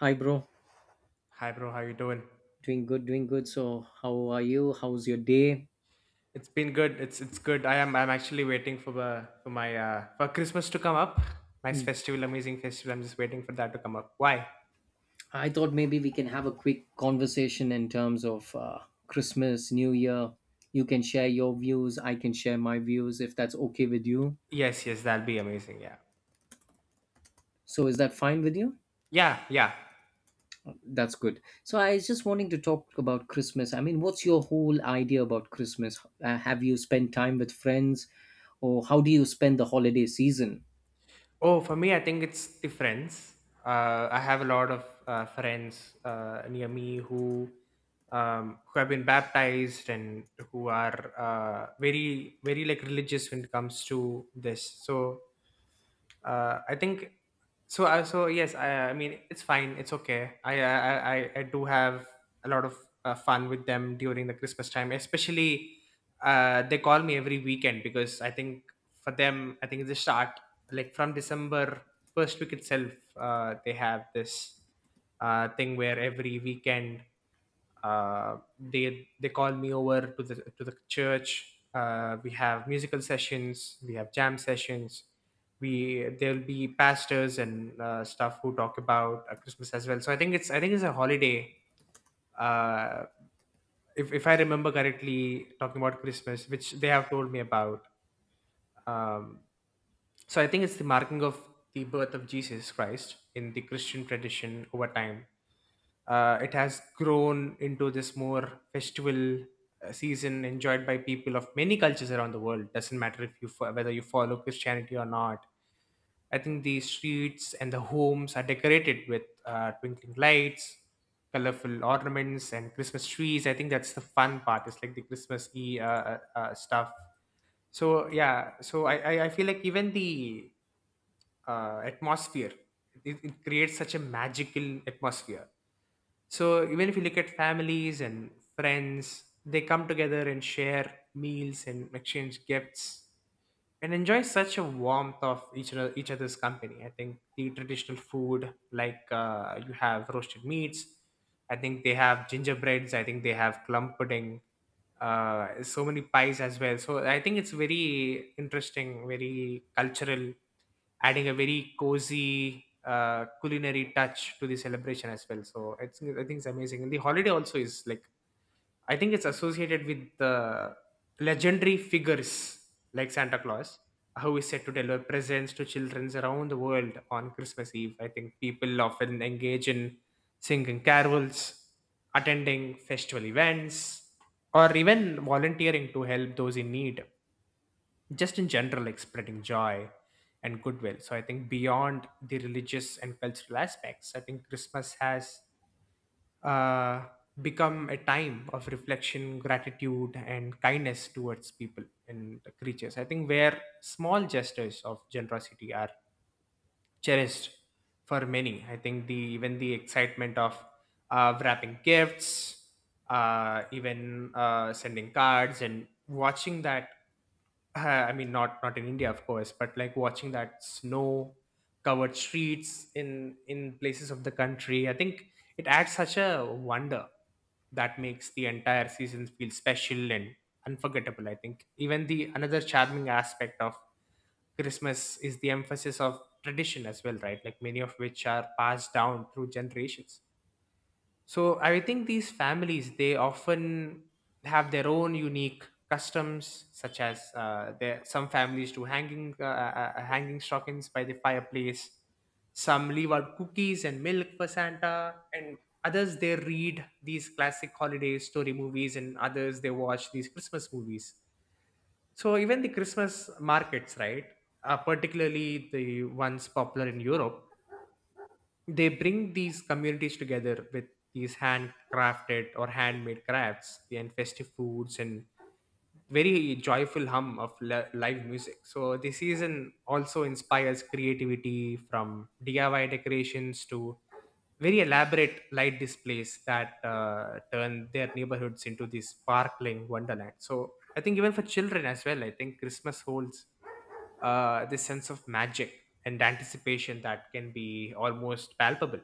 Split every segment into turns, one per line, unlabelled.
Hi, bro.
Hi bro, how you doing?
Doing good, doing good. So, how are you? How's your day?
It's been good. It's good. I'm actually waiting for the for my for Christmas to come up. Nice
Hmm.
festival, amazing festival. I'm just waiting for that to come up. Why?
I thought maybe we can have a quick conversation in terms of Christmas, New Year. You can share your views, I can share my views if that's okay with you.
Yes, yes, that'll be amazing. Yeah.
So, is that fine with you?
Yeah, yeah.
That's good. So, I was just wanting to talk about Christmas. I mean, what's your whole idea about Christmas? Have you spent time with friends, or how do you spend the holiday season?
Oh, for me, I think it's the friends. I have a lot of friends near me who have been baptized and who are very like religious when it comes to this. So I think so. I so yes, I mean it's fine. It's okay. I do have a lot of fun with them during the Christmas time. Especially, they call me every weekend because I think for them, I think it's a start like from December first week itself. They have this thing where every weekend they call me over to the church. We have musical sessions, we have jam sessions. We there'll be pastors and stuff who talk about Christmas as well. So I think it's a holiday. Uh, if I remember correctly, talking about Christmas, which they have told me about. Um, so I think it's the marking of the birth of Jesus Christ in the Christian tradition over time. It has grown into this more festival season enjoyed by people of many cultures around the world. Doesn't matter if whether you follow Christianity or not. I think the streets and the homes are decorated with twinkling lights, colorful ornaments, and Christmas trees. I think that's the fun part. It's like the Christmas e stuff. So yeah, I feel like even the atmosphere it creates such a magical atmosphere, so even if you look at families and friends, they come together and share meals and exchange gifts and enjoy such a warmth of each other, each other's company. I think the traditional food, like you have roasted meats, I think they have gingerbreads, I think they have plum pudding, so many pies as well. So I think it's very interesting, very cultural, adding a very cozy culinary touch to the celebration as well. So I think it's amazing. And the holiday also is like, I think it's associated with the legendary figures like Santa Claus, who is said to deliver presents to children around the world on Christmas Eve. I think people often engage in singing carols, attending festival events, or even volunteering to help those in need, just in general like spreading joy and goodwill. So I think beyond the religious and cultural aspects, I think Christmas has uh, become a time of reflection, gratitude, and kindness towards people and the creatures. I think where small gestures of generosity are cherished for many. I think the even the excitement of wrapping gifts, even sending cards, and watching that. I mean, not in India, of course, but like watching that snow covered streets in places of the country. I think it adds such a wonder that makes the entire season feel special and unforgettable. I think even the another charming aspect of Christmas is the emphasis of tradition as well, right? Like many of which are passed down through generations. So I think these families, they often have their own unique customs, such as there some families do hanging stockings by the fireplace, some leave out cookies and milk for Santa, and others they read these classic holiday story movies, and others they watch these Christmas movies. So even the Christmas markets, right? Particularly the ones popular in Europe, they bring these communities together with these handcrafted or handmade crafts and festive foods and very joyful hum of live music. So the season also inspires creativity, from DIY decorations to very elaborate light displays that turn their neighborhoods into this sparkling wonderland. So I think even for children as well, I think Christmas holds this sense of magic and anticipation that can be almost palpable.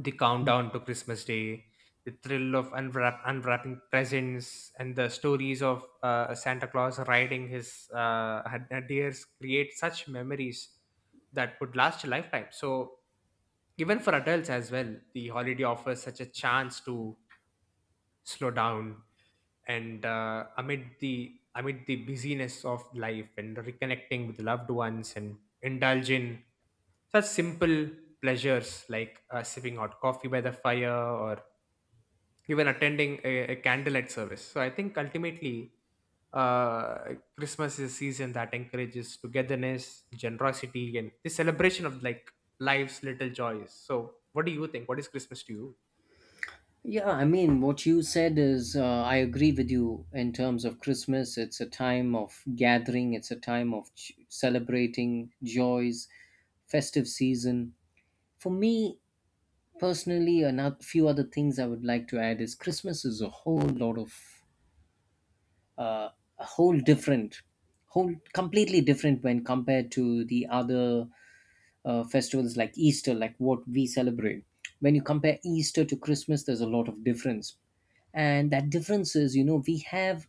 The countdown to Christmas Day, the thrill of unwrapping presents, and the stories of Santa Claus riding his deers create such memories that would last a lifetime. So, even for adults as well, the holiday offers such a chance to slow down and amid the busyness of life and reconnecting with loved ones and indulge in such simple pleasures like sipping hot coffee by the fire or even attending a candlelight service. So I think ultimately, Christmas is a season that encourages togetherness, generosity, and the celebration of like life's little joys. So, what do you think? What is Christmas to you?
Yeah, I mean, what you said is, I agree with you in terms of Christmas. It's a time of gathering, it's a time of celebrating joys, festive season. For me personally, a few other things I would like to add is Christmas is a whole lot of, uh, a whole different, whole completely different when compared to the other festivals like Easter, like what we celebrate. When you compare Easter to Christmas, there's a lot of difference, and that difference is, you know, we have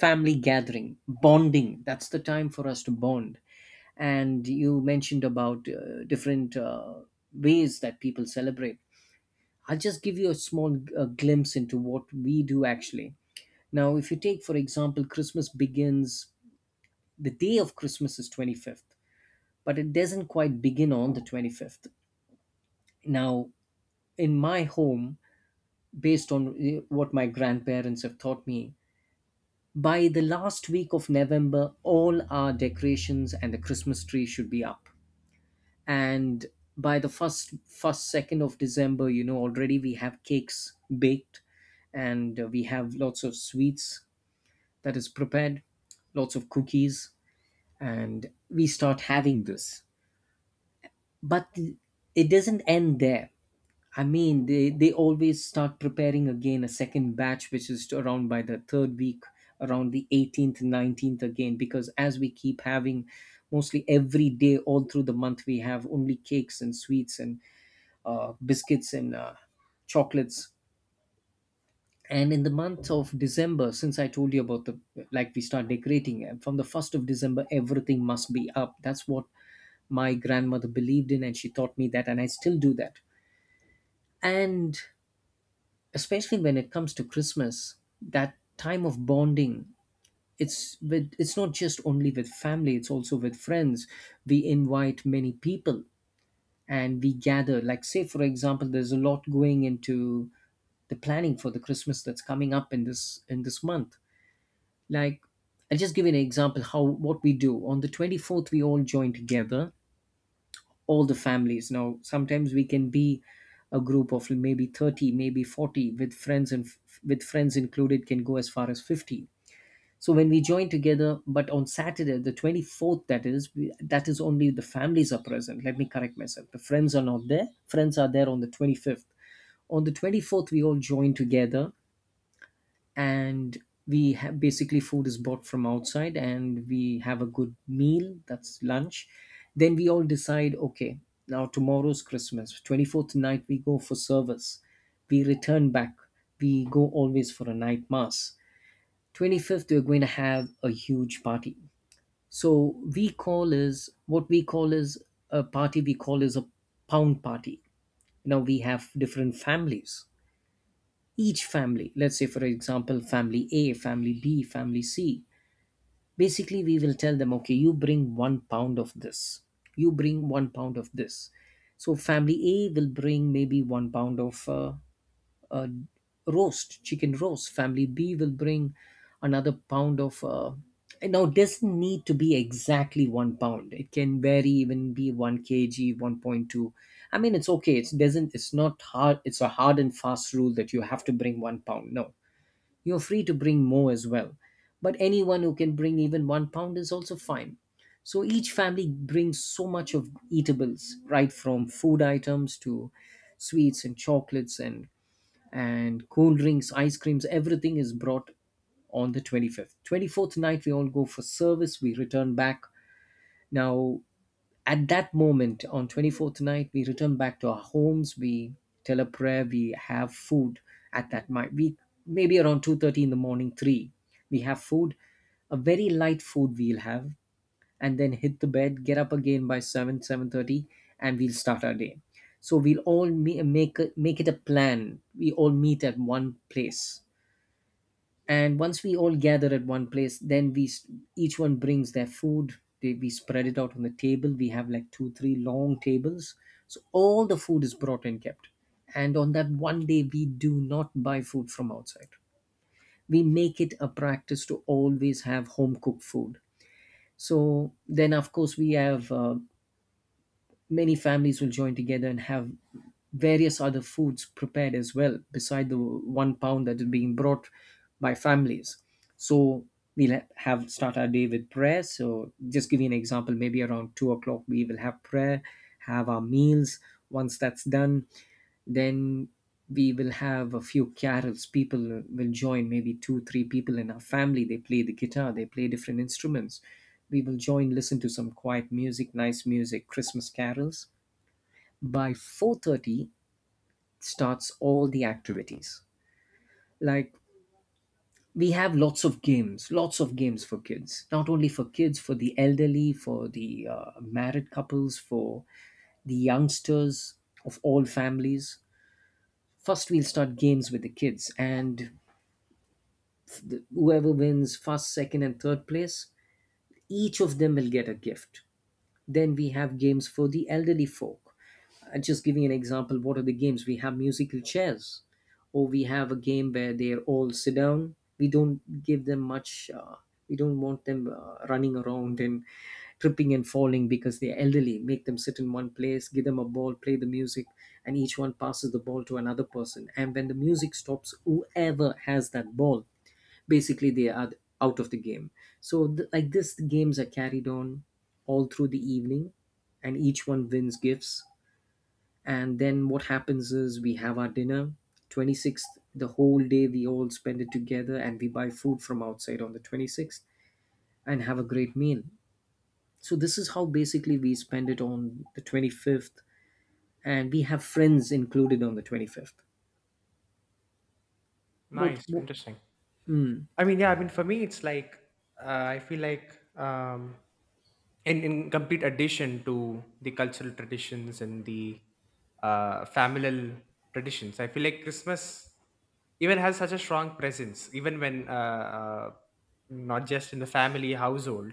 family gathering, bonding. That's the time for us to bond. And you mentioned about different ways that people celebrate. I'll just give you a small glimpse into what we do actually. Now, if you take for example, Christmas begins. The day of Christmas is 25th, but it doesn't quite begin on the 25th. Now, in my home, based on what my grandparents have taught me, by the last week of November, all our decorations and the Christmas tree should be up. And by the first 2nd of December, you know, already we have cakes baked, and we have lots of sweets that is prepared, lots of cookies, and we start having this. But it doesn't end there. I mean, they always start preparing again a second batch, which is around by the third week, around the 18th, 19th again, because as we keep having mostly every day all through the month, we have only cakes and sweets and biscuits and chocolates. And in the month of December, since I told you about the, like, we start decorating, and from the 1st of December everything must be up. That's what my grandmother believed in, and she taught me that, and I still do that. And especially when it comes to Christmas, that time of bonding, it's with, it's not just only with family, it's also with friends. We invite many people, and we gather. Like, say for example, there's a lot going into the planning for the Christmas that's coming up in this month. Like, I'll just give you an example how what we do. On the 24th, we all join together, all the families. Now sometimes we can be a group of maybe 30, maybe 40 with friends, and with friends included can go as far as 50. So when we join together, but on Saturday the 24th, that is we, that is only the families are present. Let me correct myself, the friends are not there, friends are there on the 25th. On the 24th, we all join together, and we have, basically food is bought from outside and we have a good meal, that's lunch. Then we all decide, okay, now tomorrow's Christmas, 24th night we go for service, we return back. We go always for a night mass. 25th, we're going to have a huge party. So we call is, what we call is a party, we call is a pound party. Now we have different families. Each family, let's say for example, family A, family B, family C, basically we will tell them, okay, you bring one pound of this, you bring one pound of this. So family A will bring maybe one pound of uh, roast chicken roast. Family B will bring another pound of now it doesn't need to be exactly one pound, it can vary, even be 1 kg, 1.2. I mean, it's okay, it doesn't, it's not hard, it's a hard and fast rule that you have to bring one pound. No, you're free to bring more as well, but anyone who can bring even one pound is also fine. So each family brings so much of eatables, right from food items to sweets and chocolates and cool drinks, ice creams, everything is brought on the 25th. 24th night we all go for service, we return back. Now at that moment, on 24th night, we return back to our homes. We tell a prayer. We have food at that night. We, maybe around 2:30 in the morning, three. We have food, a very light food we'll have, and then hit the bed. Get up again by 7, 7:30, and we'll start our day. So we'll all make it a plan. We all meet at one place, and once we all gather at one place, then we each one brings their food. They, we spread it out on the table. We have like two, three long tables, so all the food is brought and kept. And on that one day we do not buy food from outside. We make it a practice to always have home cooked food. So then of course we have, many families will join together and have various other foods prepared as well, beside the one pound that is being brought by families. So we'll ha- have start our day with prayer. So just give you an example, maybe around 2 o'clock we will have prayer, have our meals. Once that's done, then we will have a few carols. People will join, maybe two, three people in our family. They play the guitar, they play different instruments. We will join, listen to some quiet music, nice music, Christmas carols. By 4:30 starts all the activities, like we have lots of games, lots of games for kids, not only for kids, for the elderly, for the married couples, for the youngsters of all families. First we'll start games with the kids, and whoever wins first, second and third place, each of them will get a gift. Then we have games for the elderly folk. Just giving an example, what are the games, we have musical chairs, or we have a game where they all sit down. We don't give them much, we don't want them running around and tripping and falling because they're elderly. Make them sit in one place, give them a ball, play the music, and each one passes the ball to another person, and when the music stops, whoever has that ball, basically they are out of the game. So like this the games are carried on all through the evening, and each one wins gifts. And then what happens is we have our dinner. 26th, the whole day we all spend it together, and we buy food from outside on the 26th, and have a great meal. So, this is how basically we spend it on the 25th, and we have friends included on the 25th. What,
Nice,
what
interesting.
mm,
I mean, yeah, I mean, for me, it's like I feel like, in complete addition to the cultural traditions and the familial traditions, I feel like Christmas even has such a strong presence, even when not just in the family household,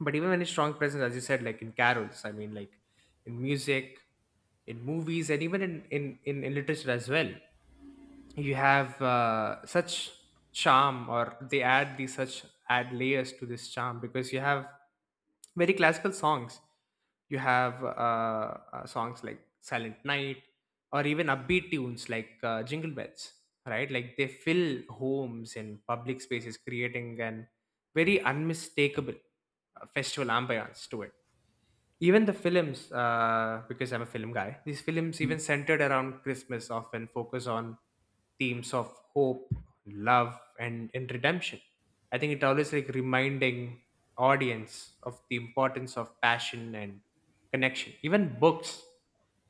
but even when it's strong presence, as you said, like in carols. I mean, like in music, in movies, and even in literature as well. You have such charm, or they add these such add layers to this charm, because you have very classical songs. You have songs like Silent Night, or even upbeat tunes like Jingle Bells, right? Like they fill homes and public spaces, creating an very unmistakable festival ambiance to it. Even the films, because I'm a film guy, these films, even
mm,
centered around Christmas, often focus on themes of hope, love, and redemption. I think it always like reminding audience of the importance of passion and connection. Even books,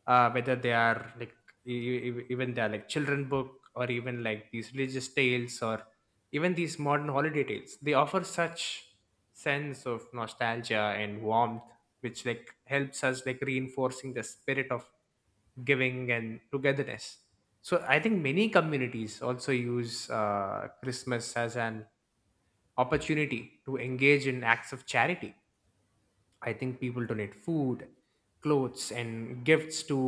whether they are like even they are like children book, or even like these religious tales, or even these modern holiday tales, they offer such sense of nostalgia and warmth, which like helps us like reinforcing the spirit of giving and togetherness. So I think many communities also use Christmas as an opportunity to engage in acts of charity. I think people donate food, clothes, and gifts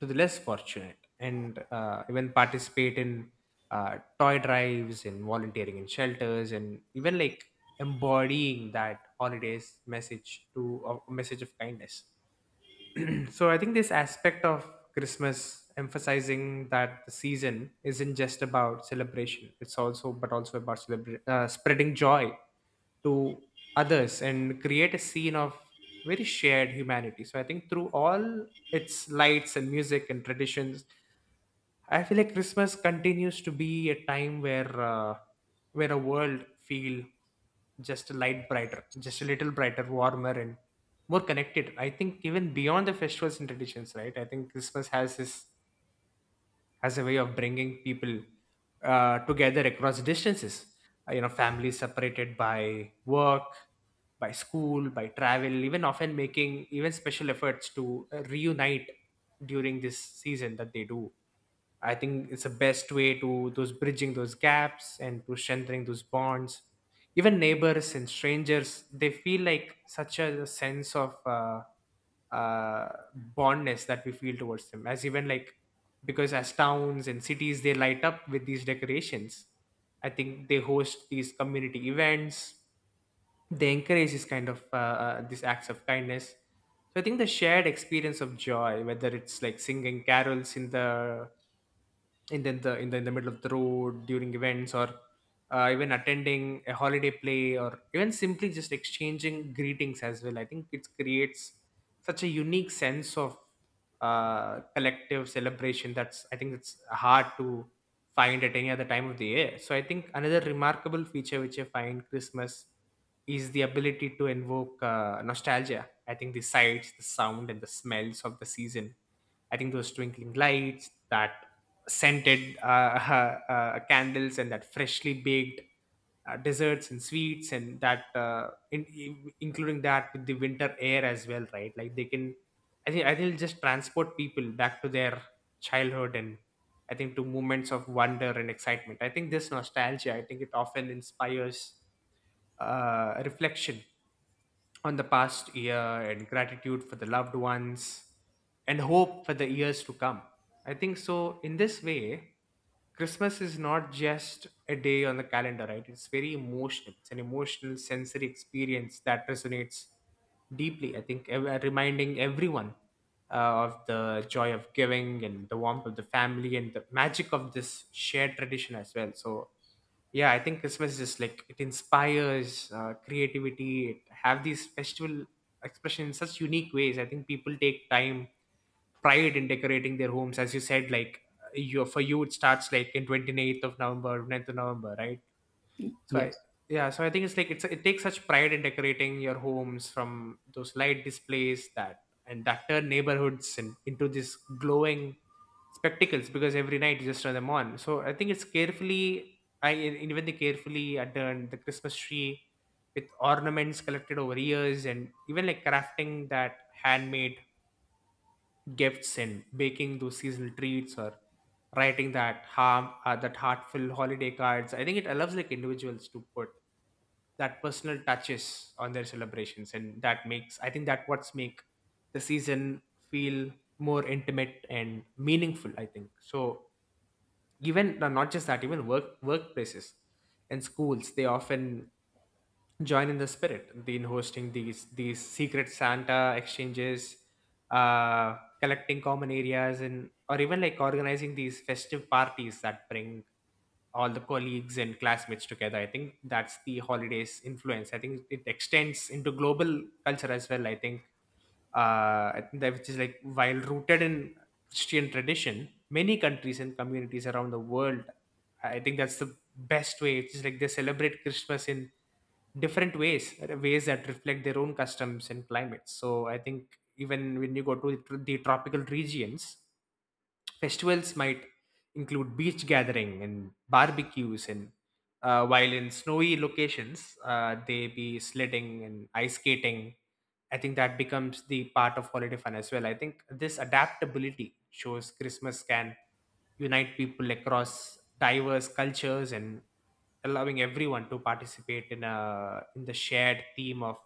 to the less fortunate, and even participate in toy drives and volunteering in shelters, and even like embodying that holidays message to a message of kindness. So I think this aspect of Christmas emphasizing that the season isn't just about celebration. It's also, but also about spreading joy to others and create a scene of very shared humanity. So I think through all its lights and music and traditions, I feel like Christmas continues to be a time where a world feel just a light brighter, just a little brighter, warmer, and more connected. I think even beyond the festivals and traditions, right? I think Christmas has this, has a way of bringing people together across distances. You know, families separated by work, by school, by travel, even often making even special efforts to reunite during this season that they do. I think it's the best way to those bridging those gaps and to strengthening those bonds. Even neighbors and strangers, they feel like such a sense of uh, bondness that we feel towards them. As even like, because as towns and cities, they light up with these decorations, I think they host these community events. They encourage this kind of these acts of kindness. So I think the shared experience of joy, whether it's like singing carols in the in the, in the in the in the middle of the road during events, or even attending a holiday play, or even simply just exchanging greetings as well, I think it creates such a unique sense of collective celebration that's, I think it's hard to find at any other time of the year. So I think another remarkable feature which I find Christmas is the ability to invoke nostalgia. I think the sights, the sound, and the smells of the season, I think those twinkling lights, that scented candles, and that freshly baked desserts and sweets, and that including that with the winter air as well, right? Like they can, I think it'll just transport people back to their childhood, and I think to moments of wonder and excitement. I think this nostalgia, I think it often inspires reflection on the past year and gratitude for the loved ones and hope for the years to come. I think so. In this way, Christmas is not just a day on the calendar, right? It's very emotional. It's an emotional, sensory experience that resonates deeply. I think reminding everyone of the joy of giving and the warmth of the family and the magic of this shared tradition as well. So, yeah, I think Christmas is just like it inspires creativity. It have these festival expression in such unique ways. I think people take time pride in decorating their homes as you said, like you, for you it starts like in 28th of November 9th of november, right? so I,
yes,
yeah, so I think it's like it takes such pride in decorating your homes, from those light displays that and that turn neighborhoods and into these glowing spectacles, because every night you just turn them on. So I think it's carefully, I even they carefully adorn the Christmas tree with ornaments collected over years, and even like crafting that handmade gifts and baking those seasonal treats or writing that harm that heartfelt holiday cards. I think it allows like individuals to put that personal touches on their celebrations, and that makes, I think, that what's make the season feel more intimate and meaningful, I think. So even no, not just that, even workplaces and schools, they often join in the spirit in hosting these secret Santa exchanges, collecting common areas and or even like organizing these festive parties that bring all the colleagues and classmates together. I think that's the holidays influence. I think it extends into global culture as well. I think that, which is like, while rooted in Christian tradition, many countries and communities around the world, I think that's the best way. It's just like they celebrate Christmas in different ways, ways that reflect their own customs and climates. So I think even when you go to the tropical regions, festivals might include beach gathering and barbecues, and while in snowy locations, they be sledding and ice skating. I think that becomes the part of holiday fun as well. I think this adaptability shows Christmas can unite people across diverse cultures and allowing everyone to participate in a in the shared theme of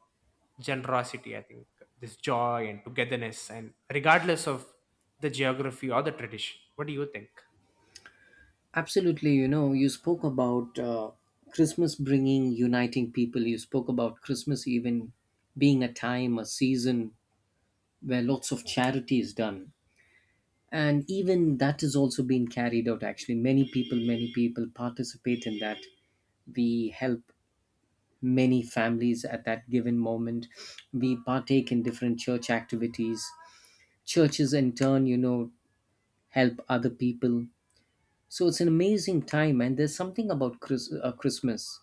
generosity, I think, this joy and togetherness, and regardless of the geography or the tradition. What do you think?
absolutely. You know, you spoke about Christmas bringing, uniting people. You spoke about Christmas even being a time, a season where lots of charity is done, and even that is also being carried out. Actually, many people participate in that. We help many families at that given moment. We partake in different church activities. Churches in turn, you know, help other people. So it's an amazing time. And there's something about Christmas,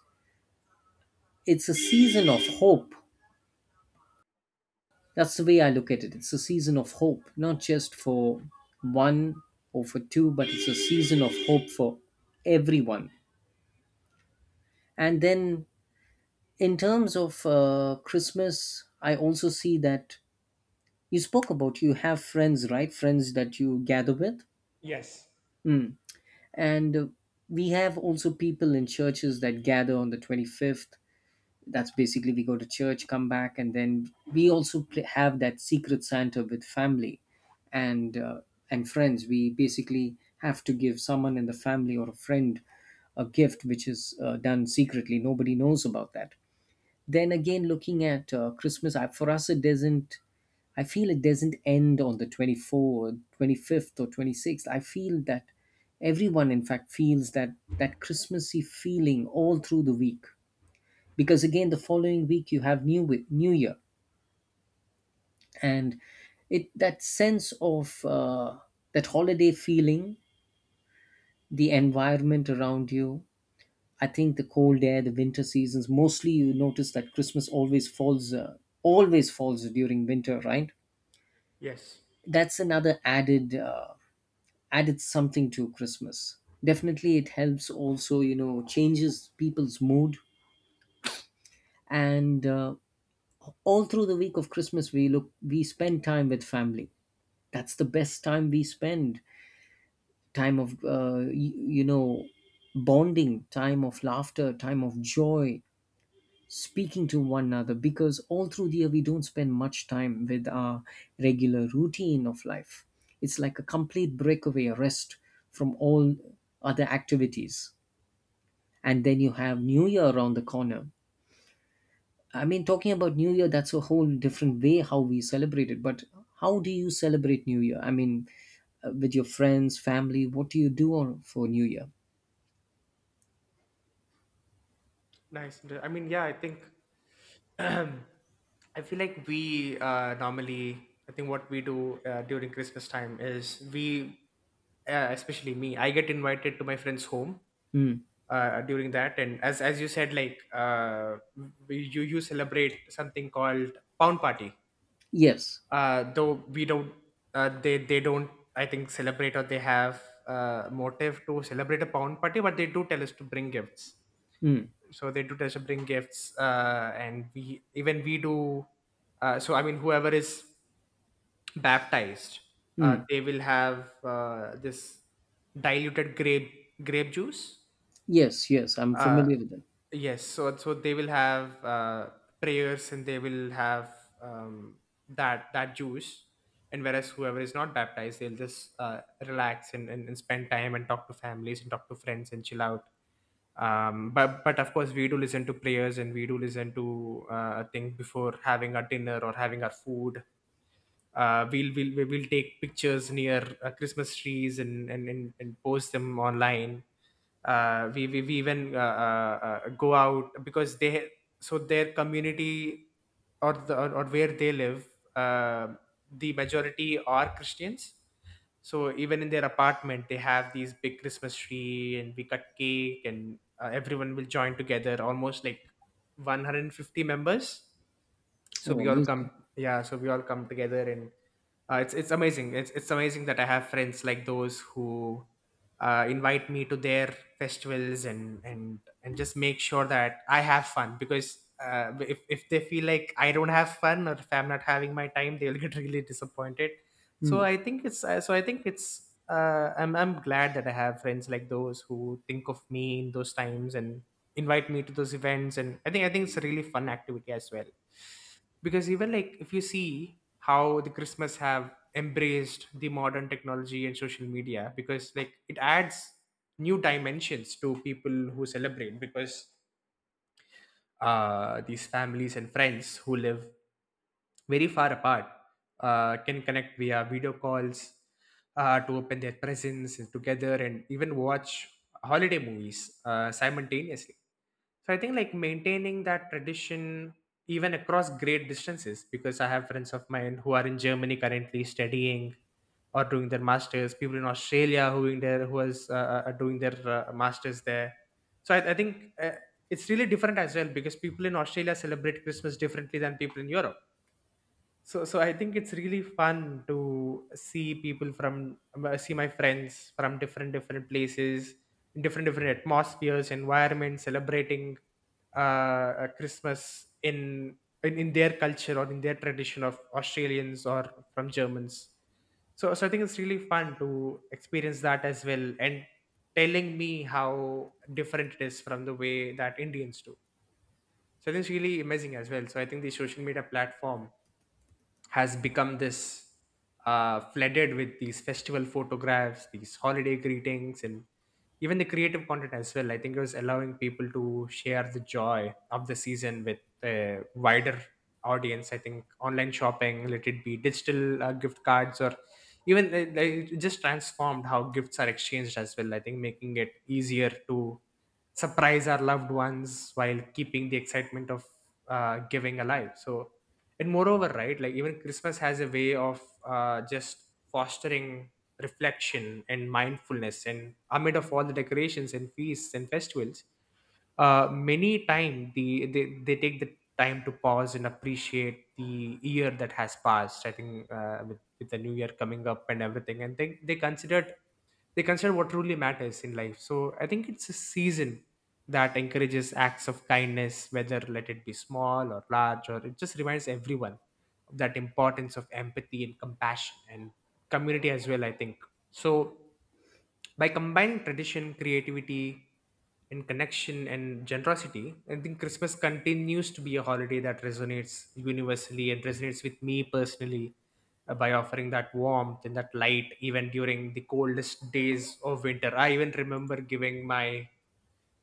it's a season of hope. That's the way I look at it. It's a season of hope, not just for one or for two, but it's a season of hope for everyone. And then, in terms of Christmas, I also see that you spoke about, you have friends, right? Friends that you gather with.
Yes.
Hmm. And we have also people in churches that gather on the 25th. That's basically we go to church, come back, and then we also have that secret Santa with family and uh, and friends. We basically have to give someone in the family or a friend a gift, which is done secretly. Nobody knows about that. Then again, looking at Christmas, for us it doesn't, I feel it doesn't end on the 24th, 25th or 26th. I feel that everyone in fact feels that, that Christmassy feeling all through the week, because again the following week you have new year. And it, that sense of that holiday feeling, the environment around you, I think the cold air, the winter seasons, mostly you notice that Christmas always falls during winter, right?
Yes.
That's another added added something to Christmas. Definitely it helps also, you know, changes people's mood. And all through the week of Christmas, we look, we spend time with family. That's the best time we spend, time of, you know, bonding, time of laughter, time of joy, speaking to one another, because all through the year we don't spend much time with our regular routine of life. It's like a complete breakaway, a rest from all other activities. And then you have New Year around the corner. I mean, talking about New Year, that's a whole different way how we celebrate it. But how do you celebrate New Year? I mean, with your friends, family, what do you do on, for New Year?
Nice. I mean, yeah, I think I feel like we normally, I think what we do during Christmas time is we, especially me, I get invited to my friend's home
Hmm.
during that, and as you said, like we, you celebrate something called pound party.
Yes.
Though we don't, they don't, I think, celebrate or they have motive to celebrate a pound party, but they do tell us to bring gifts.
Hmm.
So they do tell us to bring gifts, and we even we do. So I mean, whoever is baptized,
Hmm.
they will have this diluted grape juice.
Yes, yes, I'm
Uh,
familiar with them.
Yes, so they will have, prayers and they will have um, that juice, and whereas whoever is not baptized, they'll just relax and spend time and talk to families and talk to friends and chill out. But of course, we do listen to prayers and we do listen to things before having our dinner or having our food. We will take pictures near Christmas trees and and post them online. We even, go out because they, so their community, or where they live, uh, the majority are Christians. So even in their apartment, they have these big Christmas tree, and we cut cake, and everyone will join together, almost like 150 members. So
Oh,
we all
amazing.
come, yeah. So we all come together, and it's amazing. It's amazing that I have friends like those who invite me to their festivals and just make sure that I have fun, because if they feel like I don't have fun or if I'm not having my time, they'll get really disappointed. So
Hmm.
I think it's I'm glad that I have friends like those who think of me in those times and invite me to those events, and I think it's a really fun activity as well, because even like if you see how the Christmas have embraced the modern technology and social media, because like it adds new dimensions to people who celebrate, because these families and friends who live very far apart can connect via video calls to open their presents together and even watch holiday movies simultaneously. So I think like maintaining that tradition even across great distances, because I have friends of mine who are in Germany currently studying or doing their masters, people in Australia who is, doing their masters there. So I think it's really different as well, because people in Australia celebrate Christmas differently than people in Europe. So I think it's really fun to see people from, see my friends from different places, different atmospheres, environments, celebrating Christmas in their culture or in their tradition of Australians or from Germans. So I think it's really fun to experience that as well, and telling me how different it is from the way that Indians do. So I think it's really amazing as well. So I think the social media platform has become this flooded with these festival photographs, these holiday greetings, and even the creative content as well. I think it was allowing people to share the joy of the season with a wider audience. I think online shopping, let it be digital gift cards, or even like, it just transformed how gifts are exchanged as well. I think making it easier to surprise our loved ones while keeping the excitement of giving alive. So and moreover, right, like even Christmas has a way of just fostering reflection and mindfulness, and amid of all the decorations and feasts and festivals, many time they take the time to pause and appreciate the year that has passed. I think with the new year coming up and everything, and they consider what truly matters in life. So I think it's a season that encourages acts of kindness, whether let it be small or large, or it just reminds everyone that importance of empathy and compassion and community as well, I think. So by combining tradition, creativity and connection and generosity, I think Christmas continues to be a holiday that resonates universally and resonates with me personally, by offering that warmth and that light even during the coldest days of winter. I even remember giving my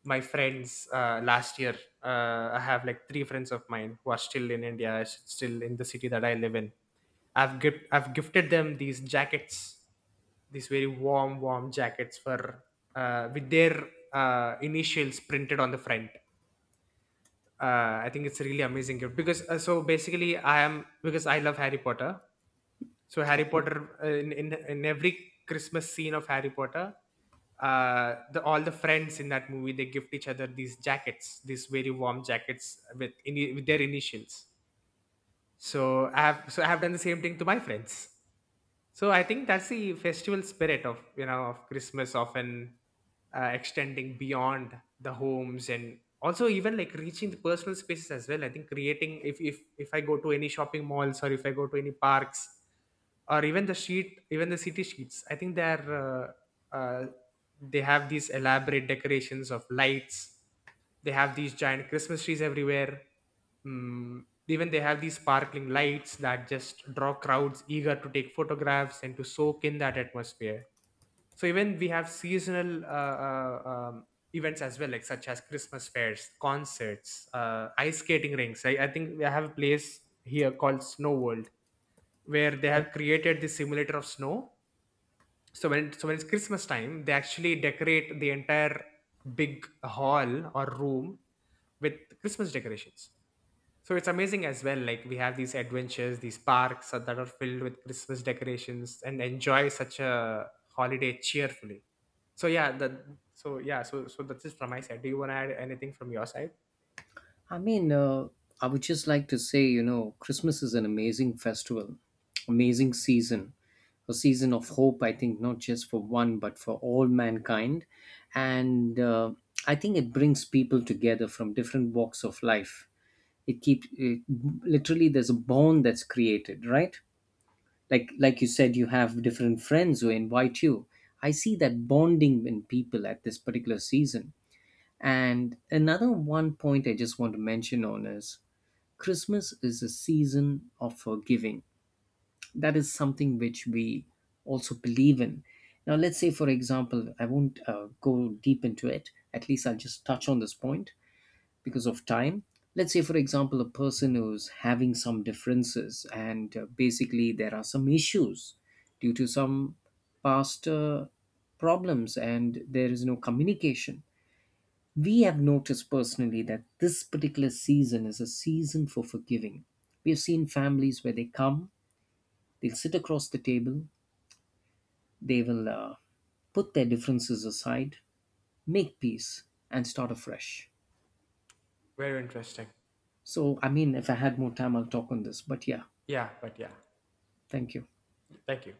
friends last year, I have like three friends of mine who are still in India, still in the city that I live in. I've gifted them these jackets, these very warm warm jackets for, with their initials printed on the front. I think it's a really amazing gift because, so basically I am, because I love Harry Potter, so Harry
Okay.
Potter, in every Christmas scene of Harry Potter, the all the friends in that movie, they gift each other these jackets, these very warm jackets with ini with their initials. So I have, so I have done the same thing to my friends. So I think that's the festival spirit of, you know, of Christmas, often extending beyond the homes and also even like reaching the personal spaces as well. I think creating, if I go to any shopping malls or if I go to any parks or even the sheet even the city sheets, I think they're, uh, uh, they have these elaborate decorations of lights. They have these giant Christmas trees everywhere. Mm, even they have these sparkling lights that just draw crowds eager to take photographs and to soak in that atmosphere. So even we have seasonal uh, um, events as well, like such as Christmas fairs, concerts, ice skating rinks. I think we have a place here called Snow World, where they
Yeah.
have created the simulator of snow. So when it's Christmas time, they actually decorate the entire big hall or room with Christmas decorations. So it's amazing as well, like we have these adventures, these parks that are filled with Christmas decorations, and enjoy such a holiday cheerfully. So yeah, that so yeah so so that's it from my side. Do you want to add anything from your side?
I mean, I would just like to say, you know, Christmas is an amazing festival, amazing season, a season of hope, I think, not just for one, but for all mankind. And I think it brings people together from different walks of life. It keeps it, literally there's a bond that's created, right? Like you said, you have different friends who invite you. I see that bonding in people at this particular season. And another one point I just want to mention on is, Christmas is a season of forgiving. That is something which we also believe in. Now, let's say for example, I won't go deep into it. At least I'll just touch on this point because of time. Let's say for example, a person who's having some differences, and basically there are some issues due to some past problems, and there is no communication. We have noticed personally that this particular season is a season for forgiving. We have seen families where they come, they'll sit across the table, they will put their differences aside, make peace, and start afresh.
Very interesting.
So, I mean, if I had more time, I'll talk on this. But yeah,
Yeah.
thank you.
Thank you.